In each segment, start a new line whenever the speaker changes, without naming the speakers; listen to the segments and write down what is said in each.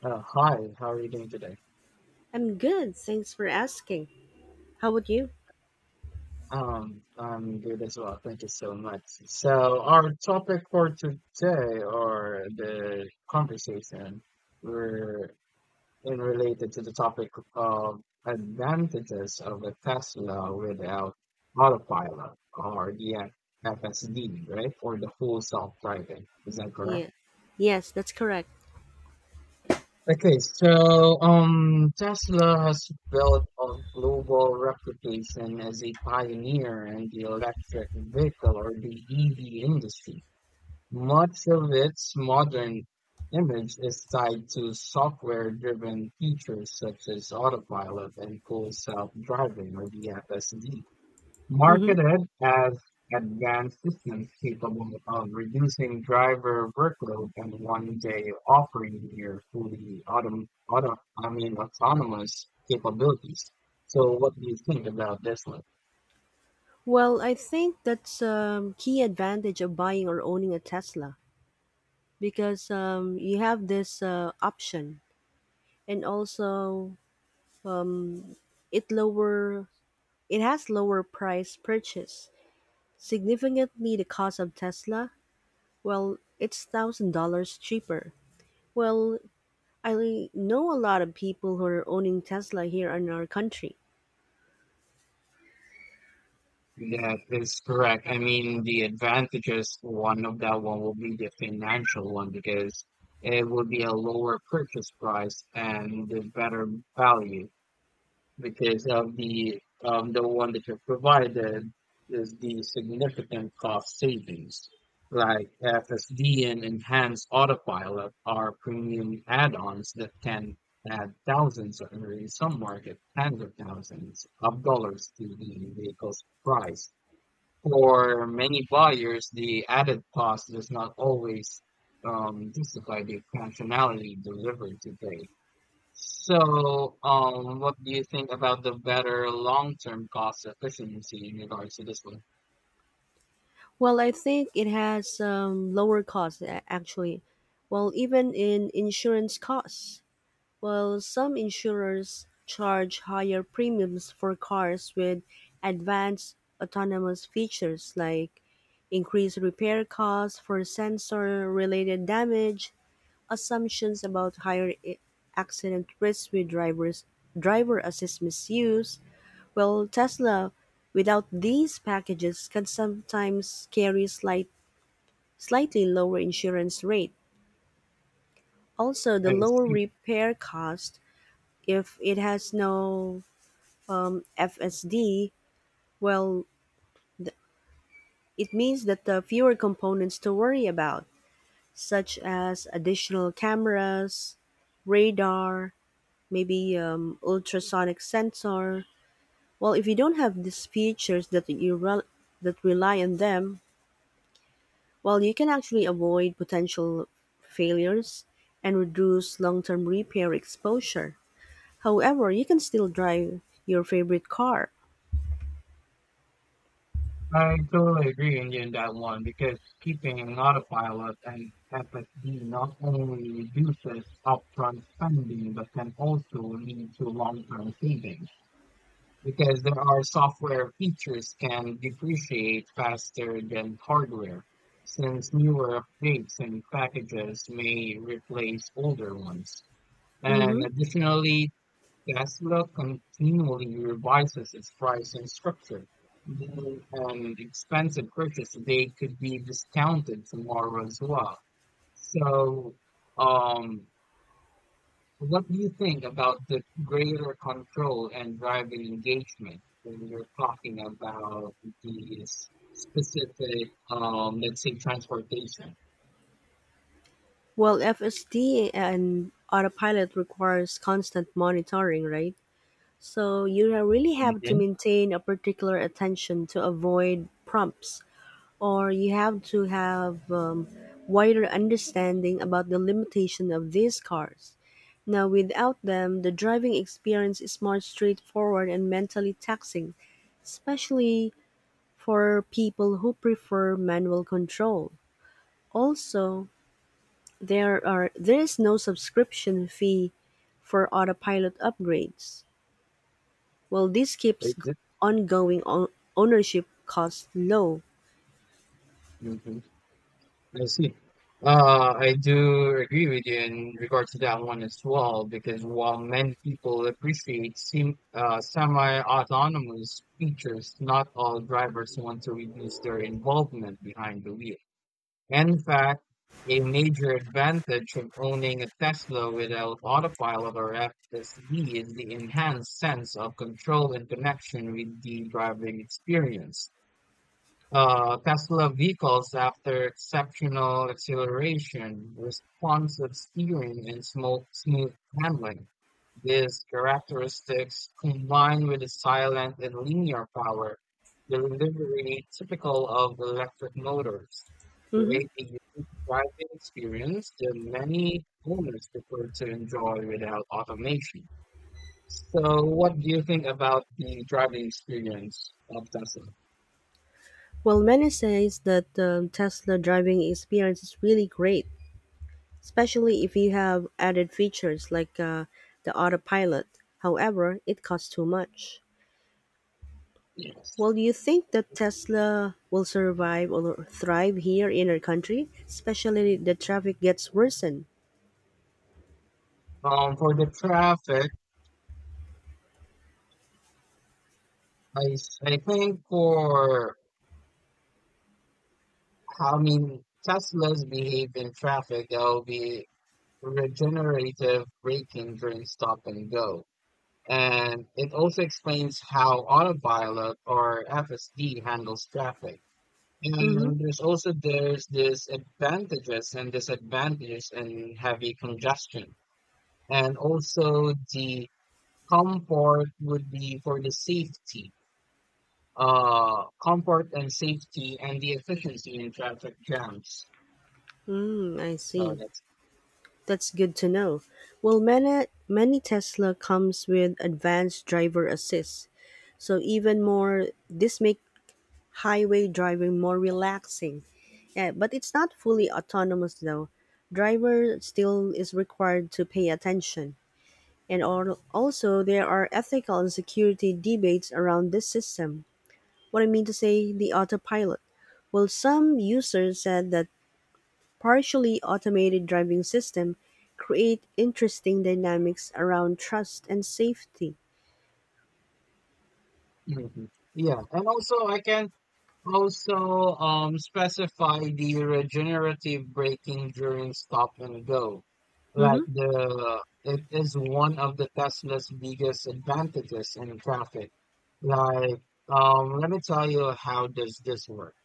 Hi, how are you doing today?
I'm good. Thanks for asking. How about you?
I'm good as well. Thank you so much. So our topic for today or the conversation we're in related to the topic of advantages of a Tesla without autopilot or the FSD, right? Or the full self-driving. Is that correct?
Yeah. Yes, that's correct.
Okay, so Tesla has built a global reputation as a pioneer in the electric vehicle or the EV industry. Much of its modern image is tied to software-driven features such as autopilot and full self-driving or the FSD.
hmm
Marketed as advanced systems capable of reducing driver workload and one day offering near fully autom auto I mean autonomous capabilities. So what do you think about this one?
Well, I think that's key advantage of buying or owning a Tesla because you have this option, and also um, it lower it has lower price purchase significantly the cost of Tesla. Well, it's $1,000 cheaper. Well, I know a lot of people who are owning Tesla here in our country.
That is correct. I mean, the advantages one of that one will be the financial one because it will be a lower purchase price and the better value. Because of the one that you provided is the significant cost savings, like FSD and enhanced autopilot are premium add-ons that can add thousands or in some market tens of thousands of dollars to the vehicle's price. For many buyers, the added cost does not always justify the functionality delivered today. So, what do you think about the better long-term cost efficiency in regards to this one?
Well, I think it has lower costs actually. Well, even in insurance costs. Well, some insurers charge higher premiums for cars with advanced autonomous features like increased repair costs for sensor related damage, assumptions about higher accident risks with driver assist misuse. Well, Tesla without these packages can sometimes carry slightly lower insurance rate. Also, the
I
lower
see.
repair cost if it has no FSD. Well, th- it means that the fewer components to worry about, such as additional cameras, radar, maybe ultrasonic sensor. Well, if you don't have these features that that rely on them, well, you can actually avoid potential failures and reduce long-term repair exposure. However, you can still drive your favorite car.
I totally agree on you in that one because keeping an autopilot and FSD not only reduces upfront spending but can also lead to long-term savings. Because there are software features can depreciate faster than hardware, since newer updates and packages may replace older ones.
hmm
And additionally, Tesla continually revises its pricing structure. Then an expensive purchase today could be discounted tomorrow as well. So, um, what do you think about the greater control and driving engagement when you're talking about these specific, let's say, transportation?
Well, FSD and autopilot requires constant monitoring, right? So you really have to
Mhm.
maintain a particular attention to avoid prompts, or you have to have wider understanding about the limitation of these cars. Now, without them, the driving experience is more straightforward and mentally taxing, especially for people who prefer manual control. Also, there is no subscription fee for autopilot upgrades. Well, this
Exa-
ongoing ownership costs low.
Mhm. I see. I do agree with you in regards to that one as well, because while many people appreciate sim semi-autonomous features, not all drivers want to reduce their involvement behind the wheel. In fact, a major advantage of owning a Tesla without autopilot or FSD is the enhanced sense of control and connection with the driving experience. Tesla vehicles after exceptional acceleration, responsive steering, and smooth handling. These characteristics, combined with the silent and linear power, delivery typical of electric motors,
Mhm.
create a unique driving experience that many owners prefer to enjoy without automation. So, what do you think about the driving experience of Tesla?
Well, many says that the Tesla driving experience is really great, especially if you have added features like the autopilot. However, it costs too much.
Yes.
Well, do you think that Tesla will survive or thrive here in our country, especially the traffic gets worsened?
For the traffic, I think for how mean, Teslas behave in traffic, there'll be regenerative braking during stop and go. And it also explains how autopilot or FSD handles traffic.
hmm
And there's also there's this advantages and disadvantages in heavy congestion. And also the comfort would be for the safety comfort and safety and the efficiency in traffic jams.
Hmm, I
So
see.
that's
That's good to know. Well, many Tesla comes with advanced driver assist, so even more this make highway driving more relaxing. Yeah, but it's not fully autonomous though. Driver still is required to pay attention. And also there are ethical and security debates around this system. What I mean to say, the autopilot. Well, some users said that partially automated driving system create interesting dynamics around trust and safety.
mhm. Yeah, and also I can also specify the regenerative braking during stop and go. Like
Mm-hmm.
the it is one of the Tesla's biggest advantages in traffic. Like let me tell you how does this work.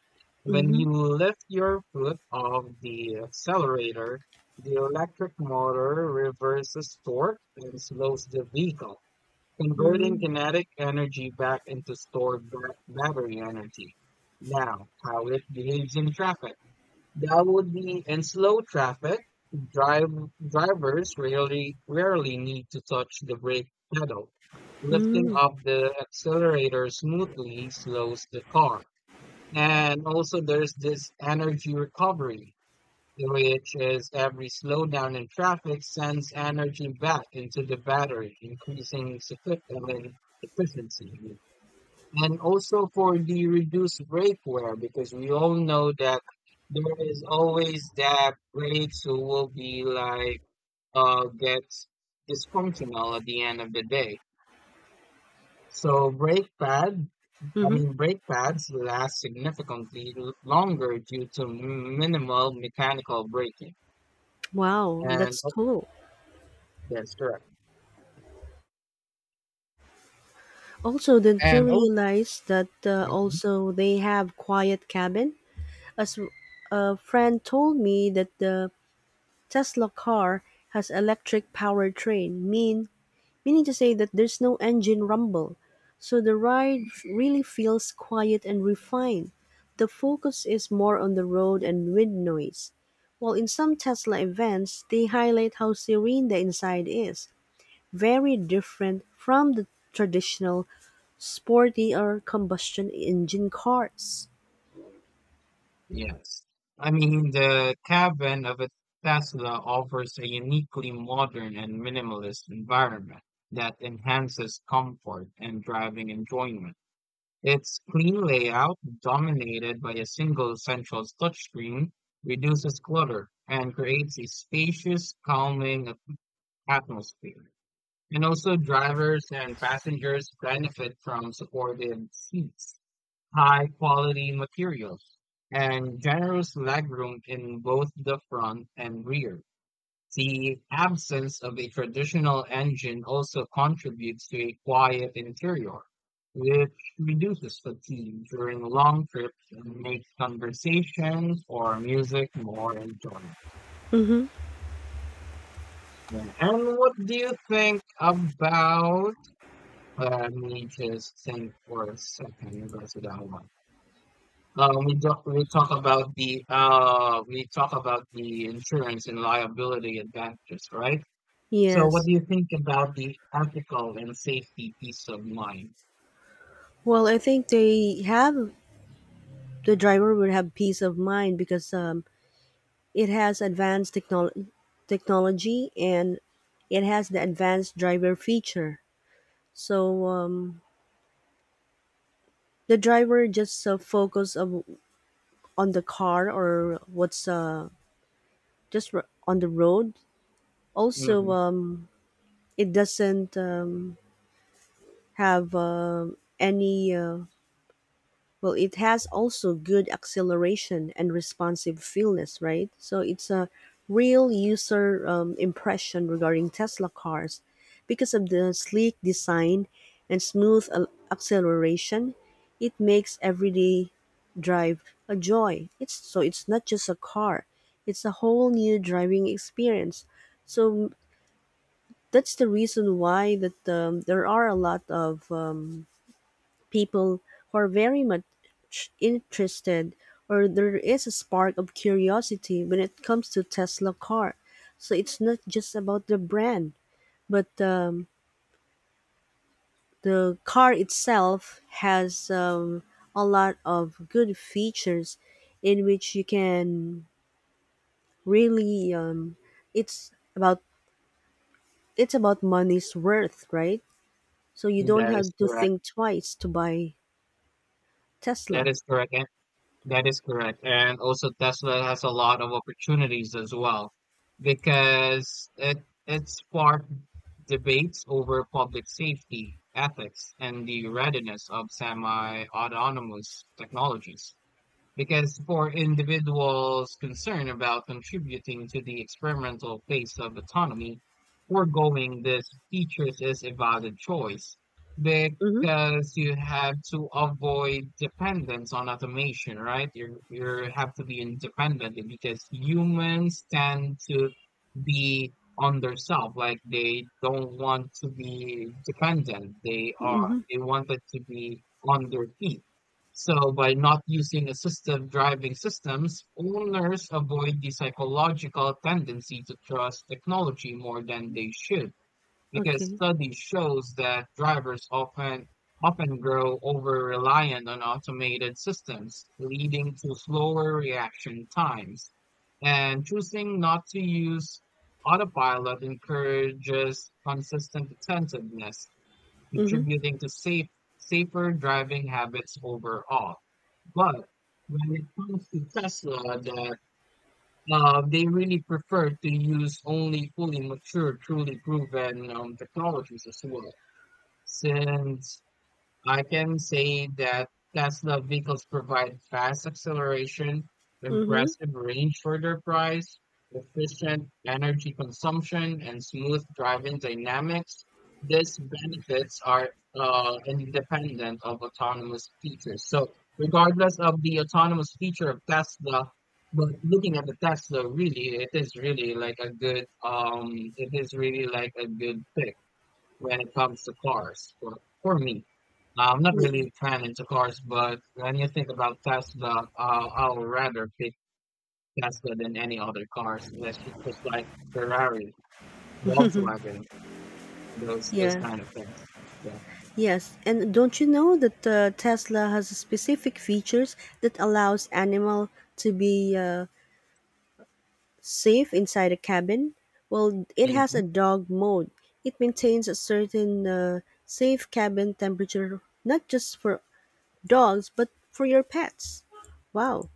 When
Mm-hmm.
you lift your foot off the accelerator, the electric motor reverses torque and slows the vehicle, converting
Mm-hmm.
kinetic energy back into stored battery energy. Now, how it behaves in traffic. That would be in slow traffic, drive, drivers rarely need to touch the brake pedal. Lifting
Mm-hmm.
up the accelerator smoothly slows the car and also there's this energy recovery, which is every slowdown in traffic sends energy back into the battery, increasing I mean, efficiency. And also for the reduced brake wear, because we all know that there is always that brakes who will be like gets dysfunctional at the end of the day. So brake pad I
Mm-hmm.
mean, brake pads last significantly longer due to minimal mechanical braking.
Wow,
And
that's
oh,
cool.
that's correct.
Also, did you
And oh,
realize that
mhm,
also they have quiet cabin? As a friend told me that the Tesla car has electric powertrain, meaning to say that there's no engine rumble. So the ride really feels quiet and refined. The focus is more on the road and wind noise. While in some Tesla events, they highlight how serene the inside is, very different from the traditional sporty or combustion engine cars.
yes. I mean, the cabin of a Tesla offers a uniquely modern and minimalist environment that enhances comfort and driving enjoyment. Its clean layout, dominated by a single central touchscreen, reduces clutter and creates a spacious, calming atmosphere. And also drivers and passengers benefit from supported seats, high quality materials, and generous legroom in both the front and rear. The absence of a traditional engine also contributes to a quiet interior, which reduces fatigue during long trips and makes conversations or music more enjoyable.
Mm-hmm.
Yeah. And what do you think about Let me just think for a second about that one. We talk about the we talk about the insurance and liability advantages, right? So, what
Yes.
do you think about the ethical and safety peace of mind?
Well, I think they have the driver would have peace of mind because it has advanced technology and it has the advanced driver feature. So the driver just on the car or what's on the road. Also,
Mm-hmm.
it doesn't have any well, it has also good acceleration and responsive feelness, right? So it's a real user impression regarding Tesla cars because of the sleek design and smooth acceleration. It makes everyday drive a joy. It's so it's not just a car; it's a whole new driving experience. So that's the reason why that there are a lot of people who are very much interested or there is a spark of curiosity when it comes to Tesla car. So it's not just about the brand, but the car itself has a lot of good features in which you can really it's about it's about money's worth, right? So you don't
That is
have to
correct.
think twice to buy
That
Tesla.
is correct. That is correct. And also Tesla has a lot of opportunities as well because it sparked debates over public safety, ethics, and the readiness of semi-autonomous technologies. Because for individuals concerned about contributing to the experimental phase of autonomy, foregoing these features is a valid choice
Mm-hmm.
because you have to avoid dependence on automation, right? You have to be independent because humans tend to be on their self. Like they don't want to be dependent. They are
Mm-hmm.
they wanted to be on their feet. So by not using assistive driving systems, owners avoid the psychological tendency to trust technology more than they should, because
Okay.
study shows that drivers often grow over reliant on automated systems, leading to slower reaction times. And choosing not to use autopilot encourages consistent attentiveness
Mm-hmm.
contributing to safer driving habits overall. But when it comes to Tesla, that they really prefer to use only fully mature, truly proven technologies as well. Since I can say that Tesla vehicles provide fast acceleration,
Mm-hmm.
impressive range for their price, efficient energy consumption, and smooth driving dynamics. These benefits are independent of autonomous features. So, regardless of the autonomous feature of Tesla, but looking at the Tesla, really, it is really like a good pick when it comes to cars for me. I'm not
Ye
really a fan into cars, but when you think about Tesla, I'll rather pick Tesla than any other cars. That's just like Ferrari, Volkswagen, those
yeah.
kind of things. Yeah.
Yes, and don't you know that Tesla has specific features that allows animal to be safe inside a cabin? Well, it has
Mhm.
a dog mode. It maintains a certain safe cabin temperature, not just for dogs but for your pets. Wow!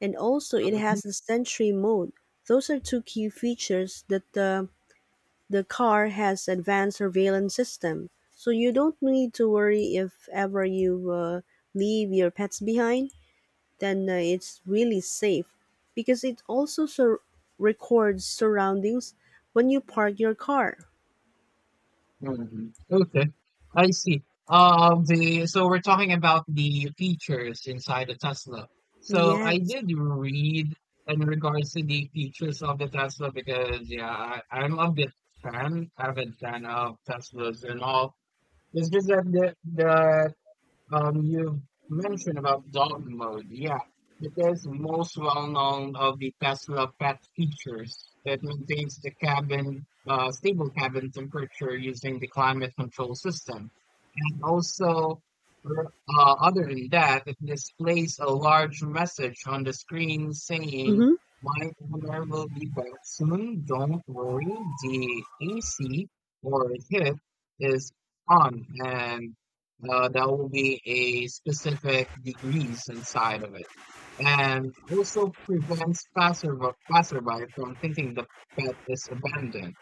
And also, it
Mhm.
has the sensory mode. Those are two key features that the car has advanced surveillance system, so you don't need to worry if ever you leave your pets behind. Then it's really safe because it also records surroundings when you park your car.
Mhm. Okay, I see. The so we're talking about the features inside the Tesla. So I
Yes.
did read in regards to the features of the Tesla because yeah, I'm a bit avid fan of Teslas and all. It's just that the you mentioned about dog mode, yeah. It is most well known of the Tesla pet features. It maintains the cabin, stable cabin temperature using the climate control system. And also, r- other than that, it displays a large message on the screen saying,
Mm-hmm.
my owner will be back soon. Don't worry. The AC or heat is on and that will be a specific degrees inside of it, and also prevents passerby from thinking the pet is abandoned.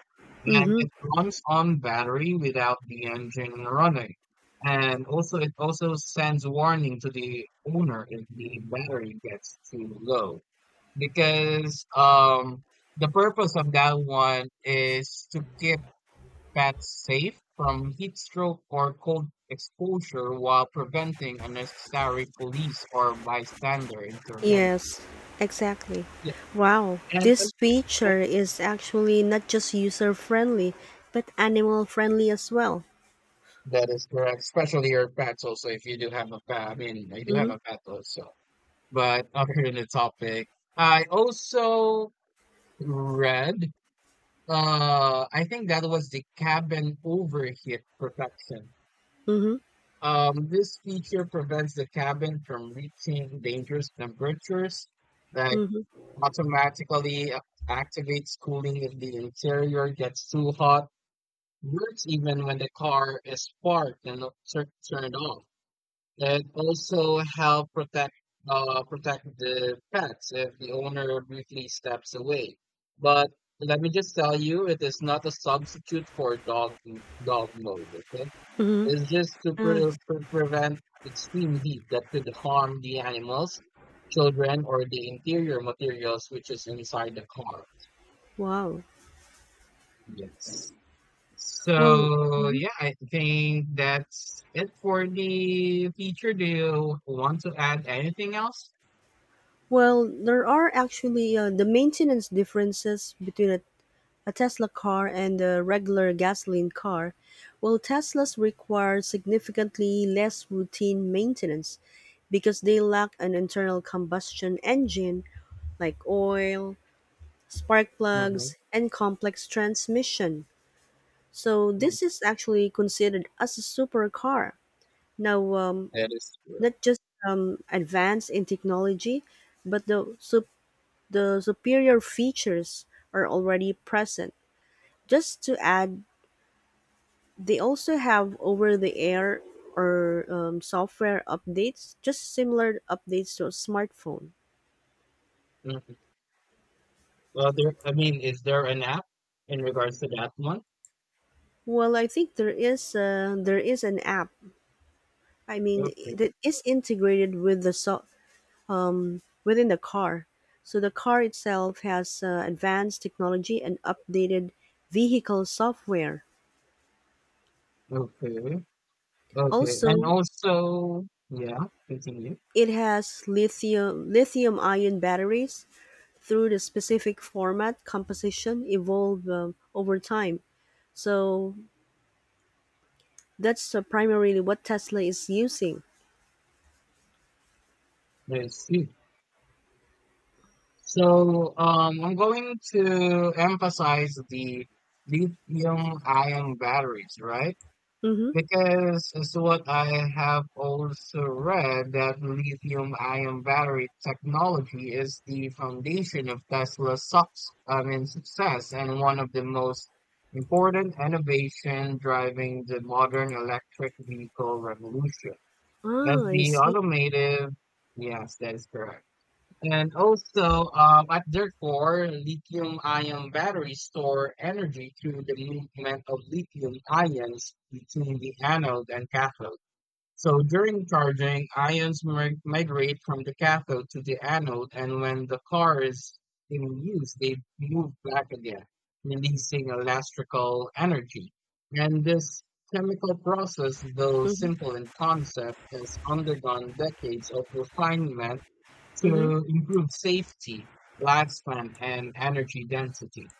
And it
Mm-hmm.
runs on battery without the engine running. And also, it also sends warning to the owner if the battery gets too low. Because the purpose of that one is to keep pets safe from heat stroke or cold exposure while preventing unnecessary police or bystander intervention.
Yes, exactly.
Yeah,
Wow,
and
this
and- and-
feature is actually not just user friendly, but animal friendly as well.
that is correct. Especially your pets also if you do have a pet. I mean, I do have
Mm-hmm.
a pet also. But other than the topic, I also read I think that was the cabin overheat protection.
Mm-hmm.
This feature prevents the cabin from reaching dangerous temperatures that
Mm-hmm.
automatically activates cooling if the interior gets too hot, works even when the car is parked and not turned off. It also help protect protect the pets if the owner briefly steps away. But let me just tell you, it is not a substitute for dog mode, okay?
Mm-hmm.
Is just to
Ah,
prevent extreme heat that could harm the animals, children, or the interior materials which is inside the car.
wow.
Yes.
Well,
So
mhm.
yeah, I think that's it for the feature. Do you want to add anything else?
well, there are actually the maintenance differences between a Tesla car and a regular gasoline car. Well, Teslas require significantly less routine maintenance because they lack an internal combustion engine like oil, spark
Mhm,
plugs, and complex transmission. So
mm.
this is actually considered as a supercar. Now,
That is correct.
not just advanced in technology, but the superior features are already present. Just to add, they also have over the air or software updates, just similar updates to a smartphone.
Mhm. Well, there. I mean, is there an app in regards to that one?
Well, I think there is an app. I mean,
Okay,
that is integrated with within the car. So the car itself has advanced technology and updated vehicle software.
okay, okay.
Also,
And also, yeah, continue.
it has lithium ion batteries through the specific format composition evolve over time. So that's primarily what Tesla is using.
Let's see. So I'm going to emphasize the lithium ion batteries, right?
Mm-hmm.
Because it's what I have also read that lithium ion battery technology is the foundation of Tesla's I mean, success and one of the most important innovation driving the modern electric vehicle revolution. That's
Ah, I
the
see.
automotive. Yes, that is correct. And also, at their core, lithium-ion batteries store energy through the movement of lithium ions between the anode and cathode. So during charging, migrate from the cathode to the anode, and when the car is in use, they move back again, releasing electrical energy. And this chemical process, though
Mm-hmm.
simple in concept, has undergone decades of refinement
Mm-hmm.
to improve safety, lifespan, and energy density.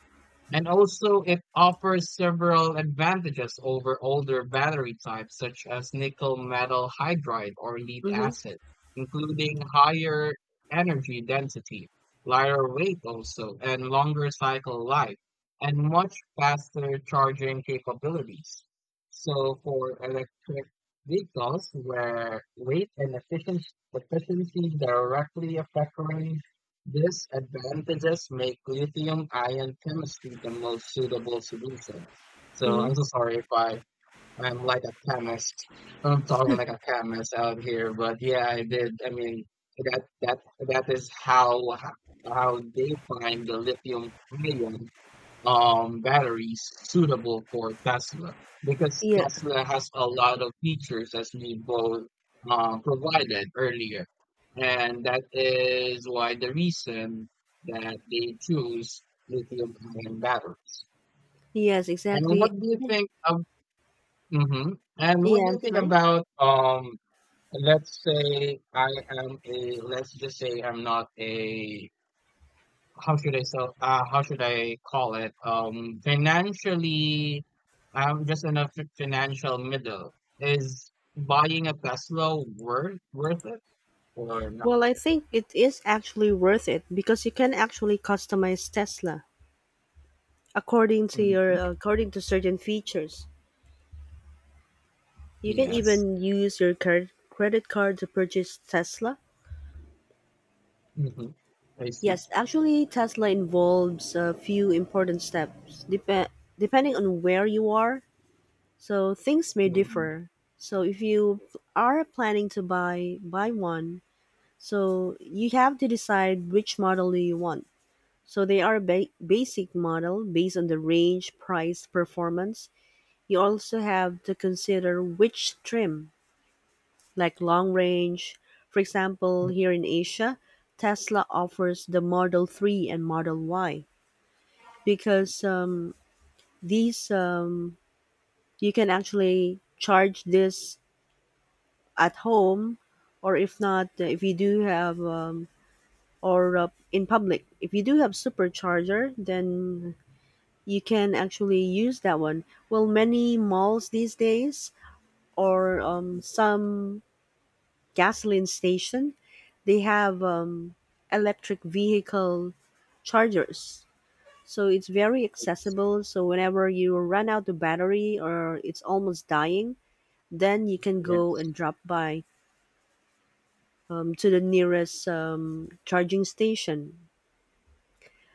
And also, it offers several advantages over older battery types such as nickel metal hydride or lead
Mm-hmm.
acid, including higher energy density, lighter weight also, and longer cycle life, and much faster charging capabilities. So for electric vehicles, where weight and efficiency directly affect range, these advantages make lithium-ion chemistry the most suitable solution. So I'm
Mm-hmm.
so sorry if I'm like a chemist. I'm talking like a chemist out here, but yeah, I did. I mean, that that is how they find the lithium ion batteries suitable for Tesla because
Yeah.
Tesla has a lot of features as we both provided earlier. And that is why the reason that they choose lithium ion batteries.
Yes,
And
exactly.
what
Yeah,
do you
I'm
think
sorry.
about let's say I am a let's just say I'm not a how should I call it? Financially, I'm just in a fi- financial middle. Is buying a Tesla worth it or not?
Well, I think it is actually worth it because you can actually customize Tesla
Hmm.
according to certain features. You can
Yes.
even use your credit card to purchase Tesla.
Hmm. I see.
Yes, actually, Tesla involves a few important steps depending on where you are. So things may
Hmm.
differ. So if you are planning to buy one, so you have to decide which model do you want. So they are basic model based on the range, price, performance. You also have to consider which trim, like long range. For example, here in Asia, Tesla offers the Model 3 and Model Y because these you can actually charge this at home or if not if you do have or in public if you do have supercharger, then you can actually use that one. Well, many malls these days or some gasoline station, they have electric vehicle chargers. So it's very
Yes.
accessible. So whenever you run out of battery or it's almost dying, then you can go
Yes.
and drop by to the nearest charging station.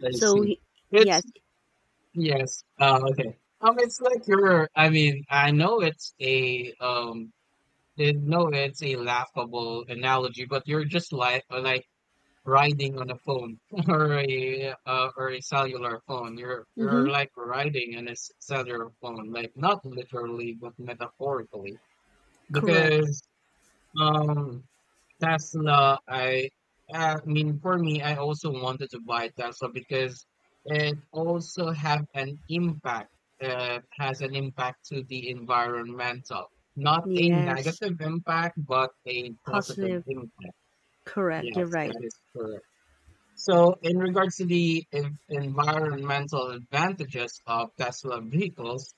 I
So
see. It's
yes,
yes. Okay. It's like you're. I mean, I know it's a I know it's a laughable analogy, but you're just like riding on a phone or a cellular phone. You're
mm-hmm.
like riding on a cellular phone, like not literally but metaphorically,
Correct.
because um Tesla. I mean for me, I also wanted to buy Tesla because it also have an impact. Has an impact to the environmental, not a
Yes,
negative impact, but a positive
positive.
impact.
Correct. You're
Yes, that
right.
is correct. So, in regards to the environmental advantages of Tesla vehicles,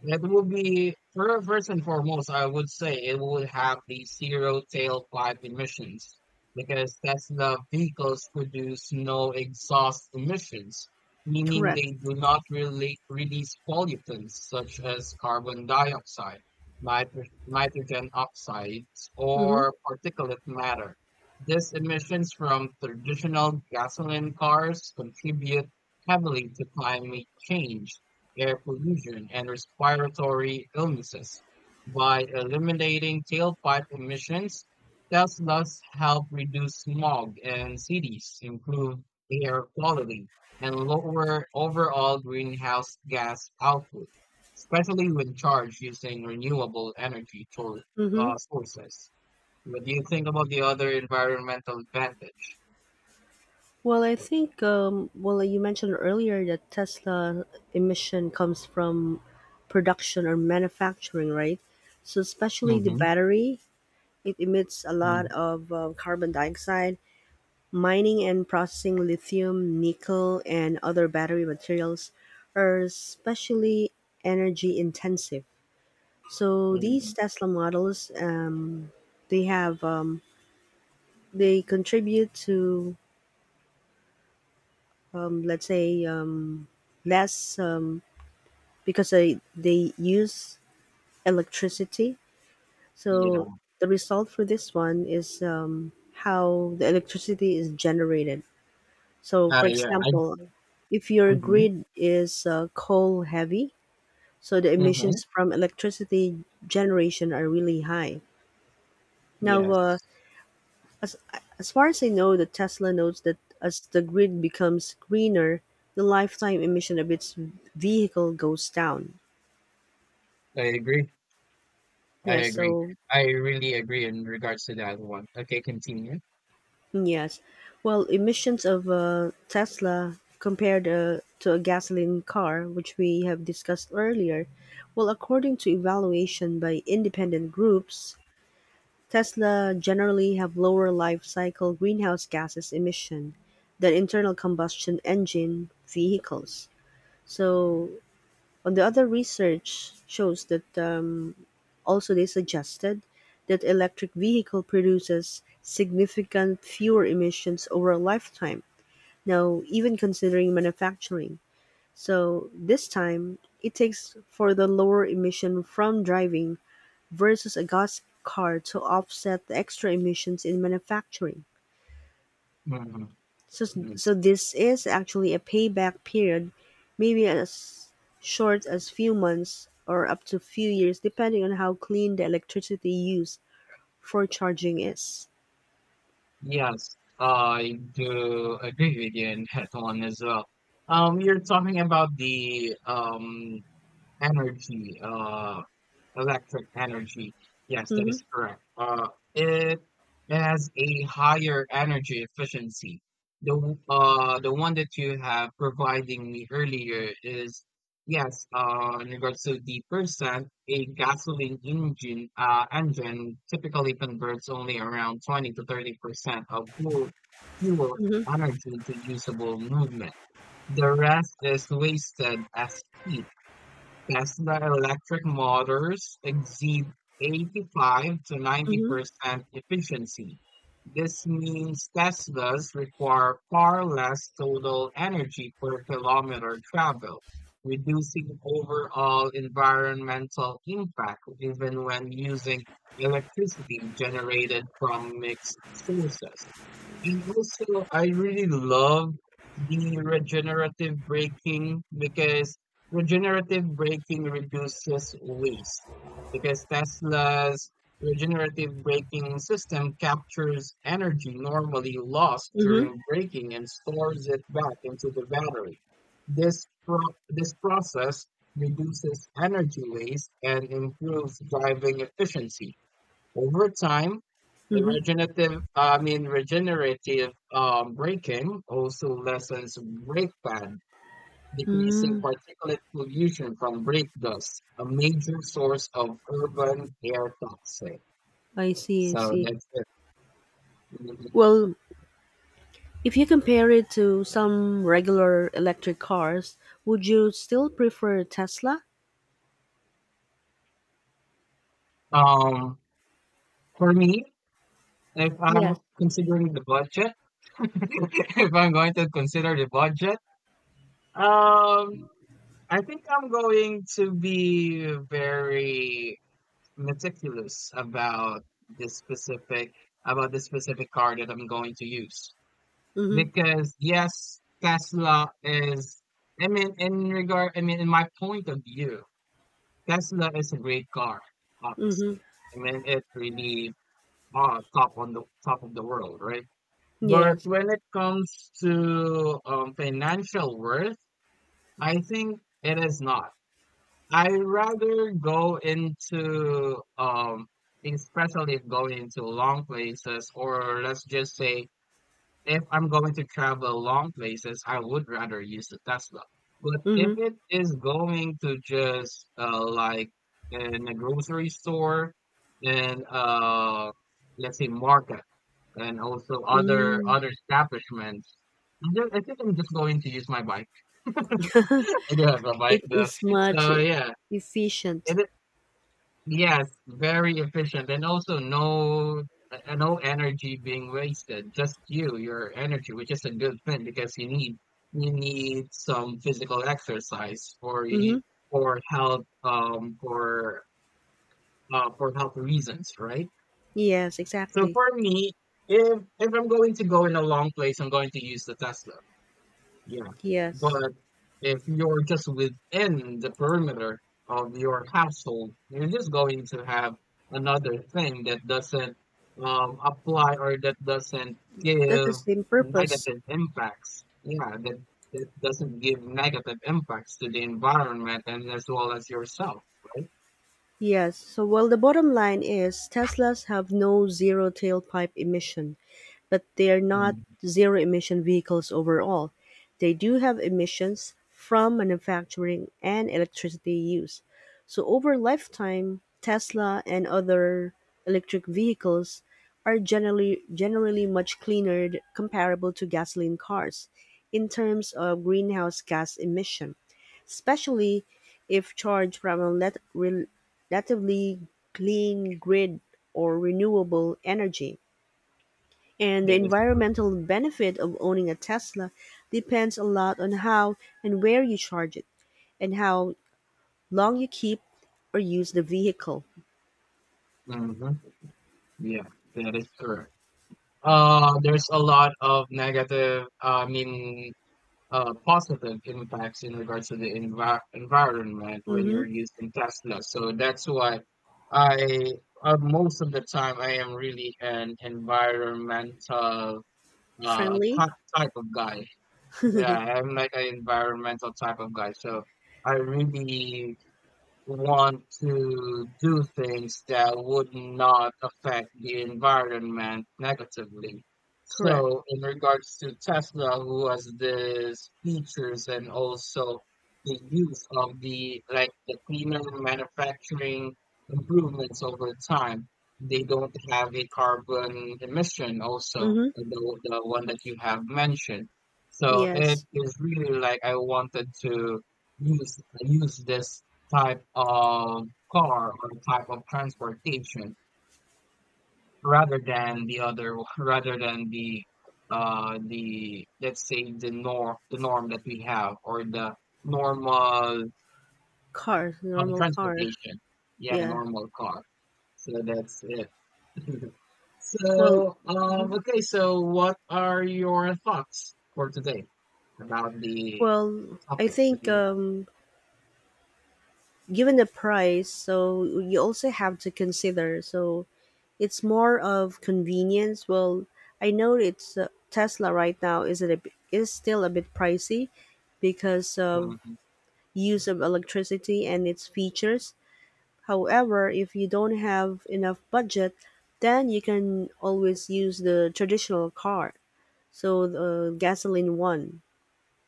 that would be, first and foremost, I would say it would have the zero tailpipe emissions because Tesla vehicles produce no exhaust emissions, meaning
Correct.
they do not really release pollutants such as carbon dioxide, nitrogen oxides,
Mm-hmm.
or particulate matter. These emissions from traditional gasoline cars contribute heavily to climate change, air pollution, and respiratory illnesses. By eliminating tailpipe emissions, Teslas help reduce smog in cities, improve air quality, and lower overall greenhouse gas output, especially when charged using renewable energy tor-
Mm-hmm.
uh, sources. What do you think about the other environmental advantage?
Well, I think well, you mentioned earlier that Tesla emission comes from production or manufacturing, right? So especially the
Mm-hmm.
battery. It emits a lot of carbon dioxide. Mining and processing lithium, nickel, and other battery materials are especially energy intensive. So these
Mm,
Tesla models, they have um, they contribute to let's say less because they use electricity. So
yeah.
the result for this one is how the electricity is generated. So,
Uh,
for
yeah. I,
example, if your
Mm-hmm,
grid is coal heavy, so the
mm-hmm.
emissions from electricity generation are really high. Now,
Yes.
as, as far as I know, the Tesla notes that as the grid becomes greener, the lifetime emission of its vehicle goes down.
I agree. I
Yeah,
agree.
so
I really agree in regards to that one. Okay, continue.
yes. Well, emissions of a Tesla compared to a gasoline car, which we have discussed earlier, well, according to evaluation by independent groups, Tesla generally have lower life cycle greenhouse gases emission than internal combustion engine vehicles. So, on the other research shows that also, they suggested that electric vehicle produces significant fewer emissions over a lifetime. Now, even considering manufacturing. So this time, it takes for the lower emission from driving versus a gas car to offset the extra emissions in manufacturing.
Hmm.
So,
Yes.
so this is actually a payback period, maybe as short as few months or up to few years, depending on how clean the electricity used for charging is.
Yes, I do agree with you in that one as well. You're talking about the energy electric energy. Yes, that
Mhm,
is correct. It has a higher energy efficiency. The the one that you have providing me earlier is yes, uh, in regards to the percent, a gasoline engine typically converts only around 20 to 30% of fuel
mhm,
energy into usable movement. The rest is wasted as heat. Tesla electric motors exceed 85 to
mhm,
90% efficiency. This means Teslas require far less total energy per kilometer traveled, reducing overall environmental impact even when using electricity generated from mixed sources. And also, I really love the regenerative braking because regenerative braking reduces waste because Tesla's regenerative braking system captures energy normally lost
mhm,
during braking and stores it back into the battery. This, pro- this process reduces energy waste and improves driving efficiency. Over time, the
mhm.
regenerative braking also lessens brake pad, decreasing
Mm,
particulate pollution from brake dust, a major source of urban air toxic.
I see, I
So
see.
that's it. Mhm.
Well, if you compare it to some regular electric cars, would you still prefer Tesla?
Um, for me, if I'm
Yes.
considering the budget, if I'm going to consider the budget, um, I think I'm going to be very meticulous about this specific car that I'm going to use.
Mm-hmm.
Because yes, I mean, I mean, in my point of view, Tesla is a great car,
Mm-hmm.
obviously. I mean, it's really top on the top of the world, right? But
Yes.
when it comes to financial worth, I think it is not. I rather go into, especially if going into long places, or let's just say if I'm going to travel long places, I would rather use the Tesla. But if
Mm-hmm.
it is going to just like in a grocery store and let's say market and also other
Mm.
other establishments, I think I'm just going to use my bike. I do have a bike
It
though,
is much
so yeah,
efficient.
it. Yes, very efficient, and also no no energy being wasted. Just you, your energy, which is a good thing because you need some physical exercise for
Mm-hmm.
for health, for health reasons, right?
Yes,
So
exactly.
for me, if I'm going to go in a long place, I'm going to use the Tesla. Yeah,
Yes.
but if you're just within the perimeter of your household, you're just going to have another thing that doesn't apply or that doesn't
That's
give
the same purpose.
negative impacts. Yeah, that, that doesn't give negative impacts to the environment and as well as yourself, right?
Yes, so well, the bottom line is Teslas have no zero tailpipe emission, but they are not
Mm.
zero emission vehicles overall. They do have emissions from manufacturing and electricity use. So, over lifetime, Tesla and other electric vehicles are generally much cleaner comparable to gasoline cars in terms of greenhouse gas emission, especially if charged from relatively clean grid or renewable energy. And the
That is
environmental benefit of owning a Tesla depends a lot on how and where you charge it and how long you keep or use the vehicle.
correct. Hmm. Yeah, that is correct. There's a lot of negative, I mean, positive impacts in regards to the environment when
Mm-hmm.
you're using Tesla. So that's why I most of the time I am really an environmental uh,
Friendly?
ty- type of guy. Yeah, I'm like an environmental type of guy. So I really want to do things that would not affect the environment negatively.
Correct.
So, in regards to Tesla, who has these features and also the use of the like the cleaner manufacturing improvements over time, they don't have a carbon emission also,
Mm-hmm.
the one that you have mentioned. So it
Yes.
is really like I wanted to use this type of car or type of transportation rather than the other rather than the the, let's say, the norm that we have, or the normal
Car, normal car.
transportation yeah
Yeah.
normal car. So that's it.
Well,
So, um,
mm-hmm.
okay, so what are your thoughts for today about the
well, I
topic that
think
we have?
given the price, so you also have to consider. So it's more of convenience. Well, I know it's Tesla right now is still a bit pricey because of
Mhm.
use of electricity and its features. However, if you don't have enough budget, then you can always use the traditional car. So the gasoline one,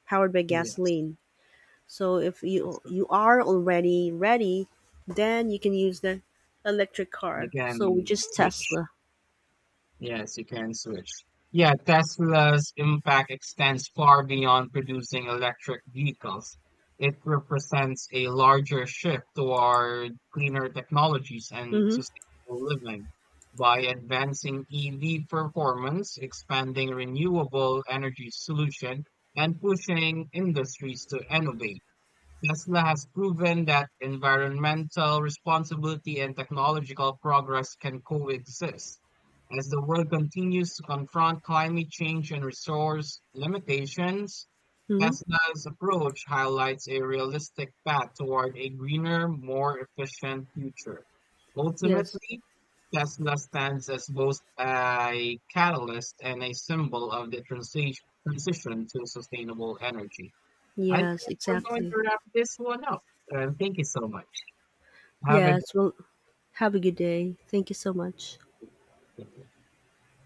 powered by
Yes,
gasoline. So if
yes.
you are already ready, then you can use the electric
You
car. So which
can
is
switch.
Tesla.
Yes, you can switch. Yeah, Tesla's impact extends far beyond producing electric vehicles. It represents a larger shift toward cleaner technologies and
Mhm.
sustainable living. By advancing EV performance, expanding renewable energy solution, and pushing industries to innovate, Tesla has proven that environmental responsibility and technological progress can coexist. As the world continues to confront climate change and resource limitations,
Mhm.
Tesla's approach highlights a realistic path toward a greener, more efficient future.
Yes.
Ultimately, Tesla stands as both a catalyst and a symbol of the transition to sustainable energy. I think
Yes,
we're going
exactly.
to wrap this one up. Thank you so much. Have a good
Yes, well, have a good day. Thank you so much.
day.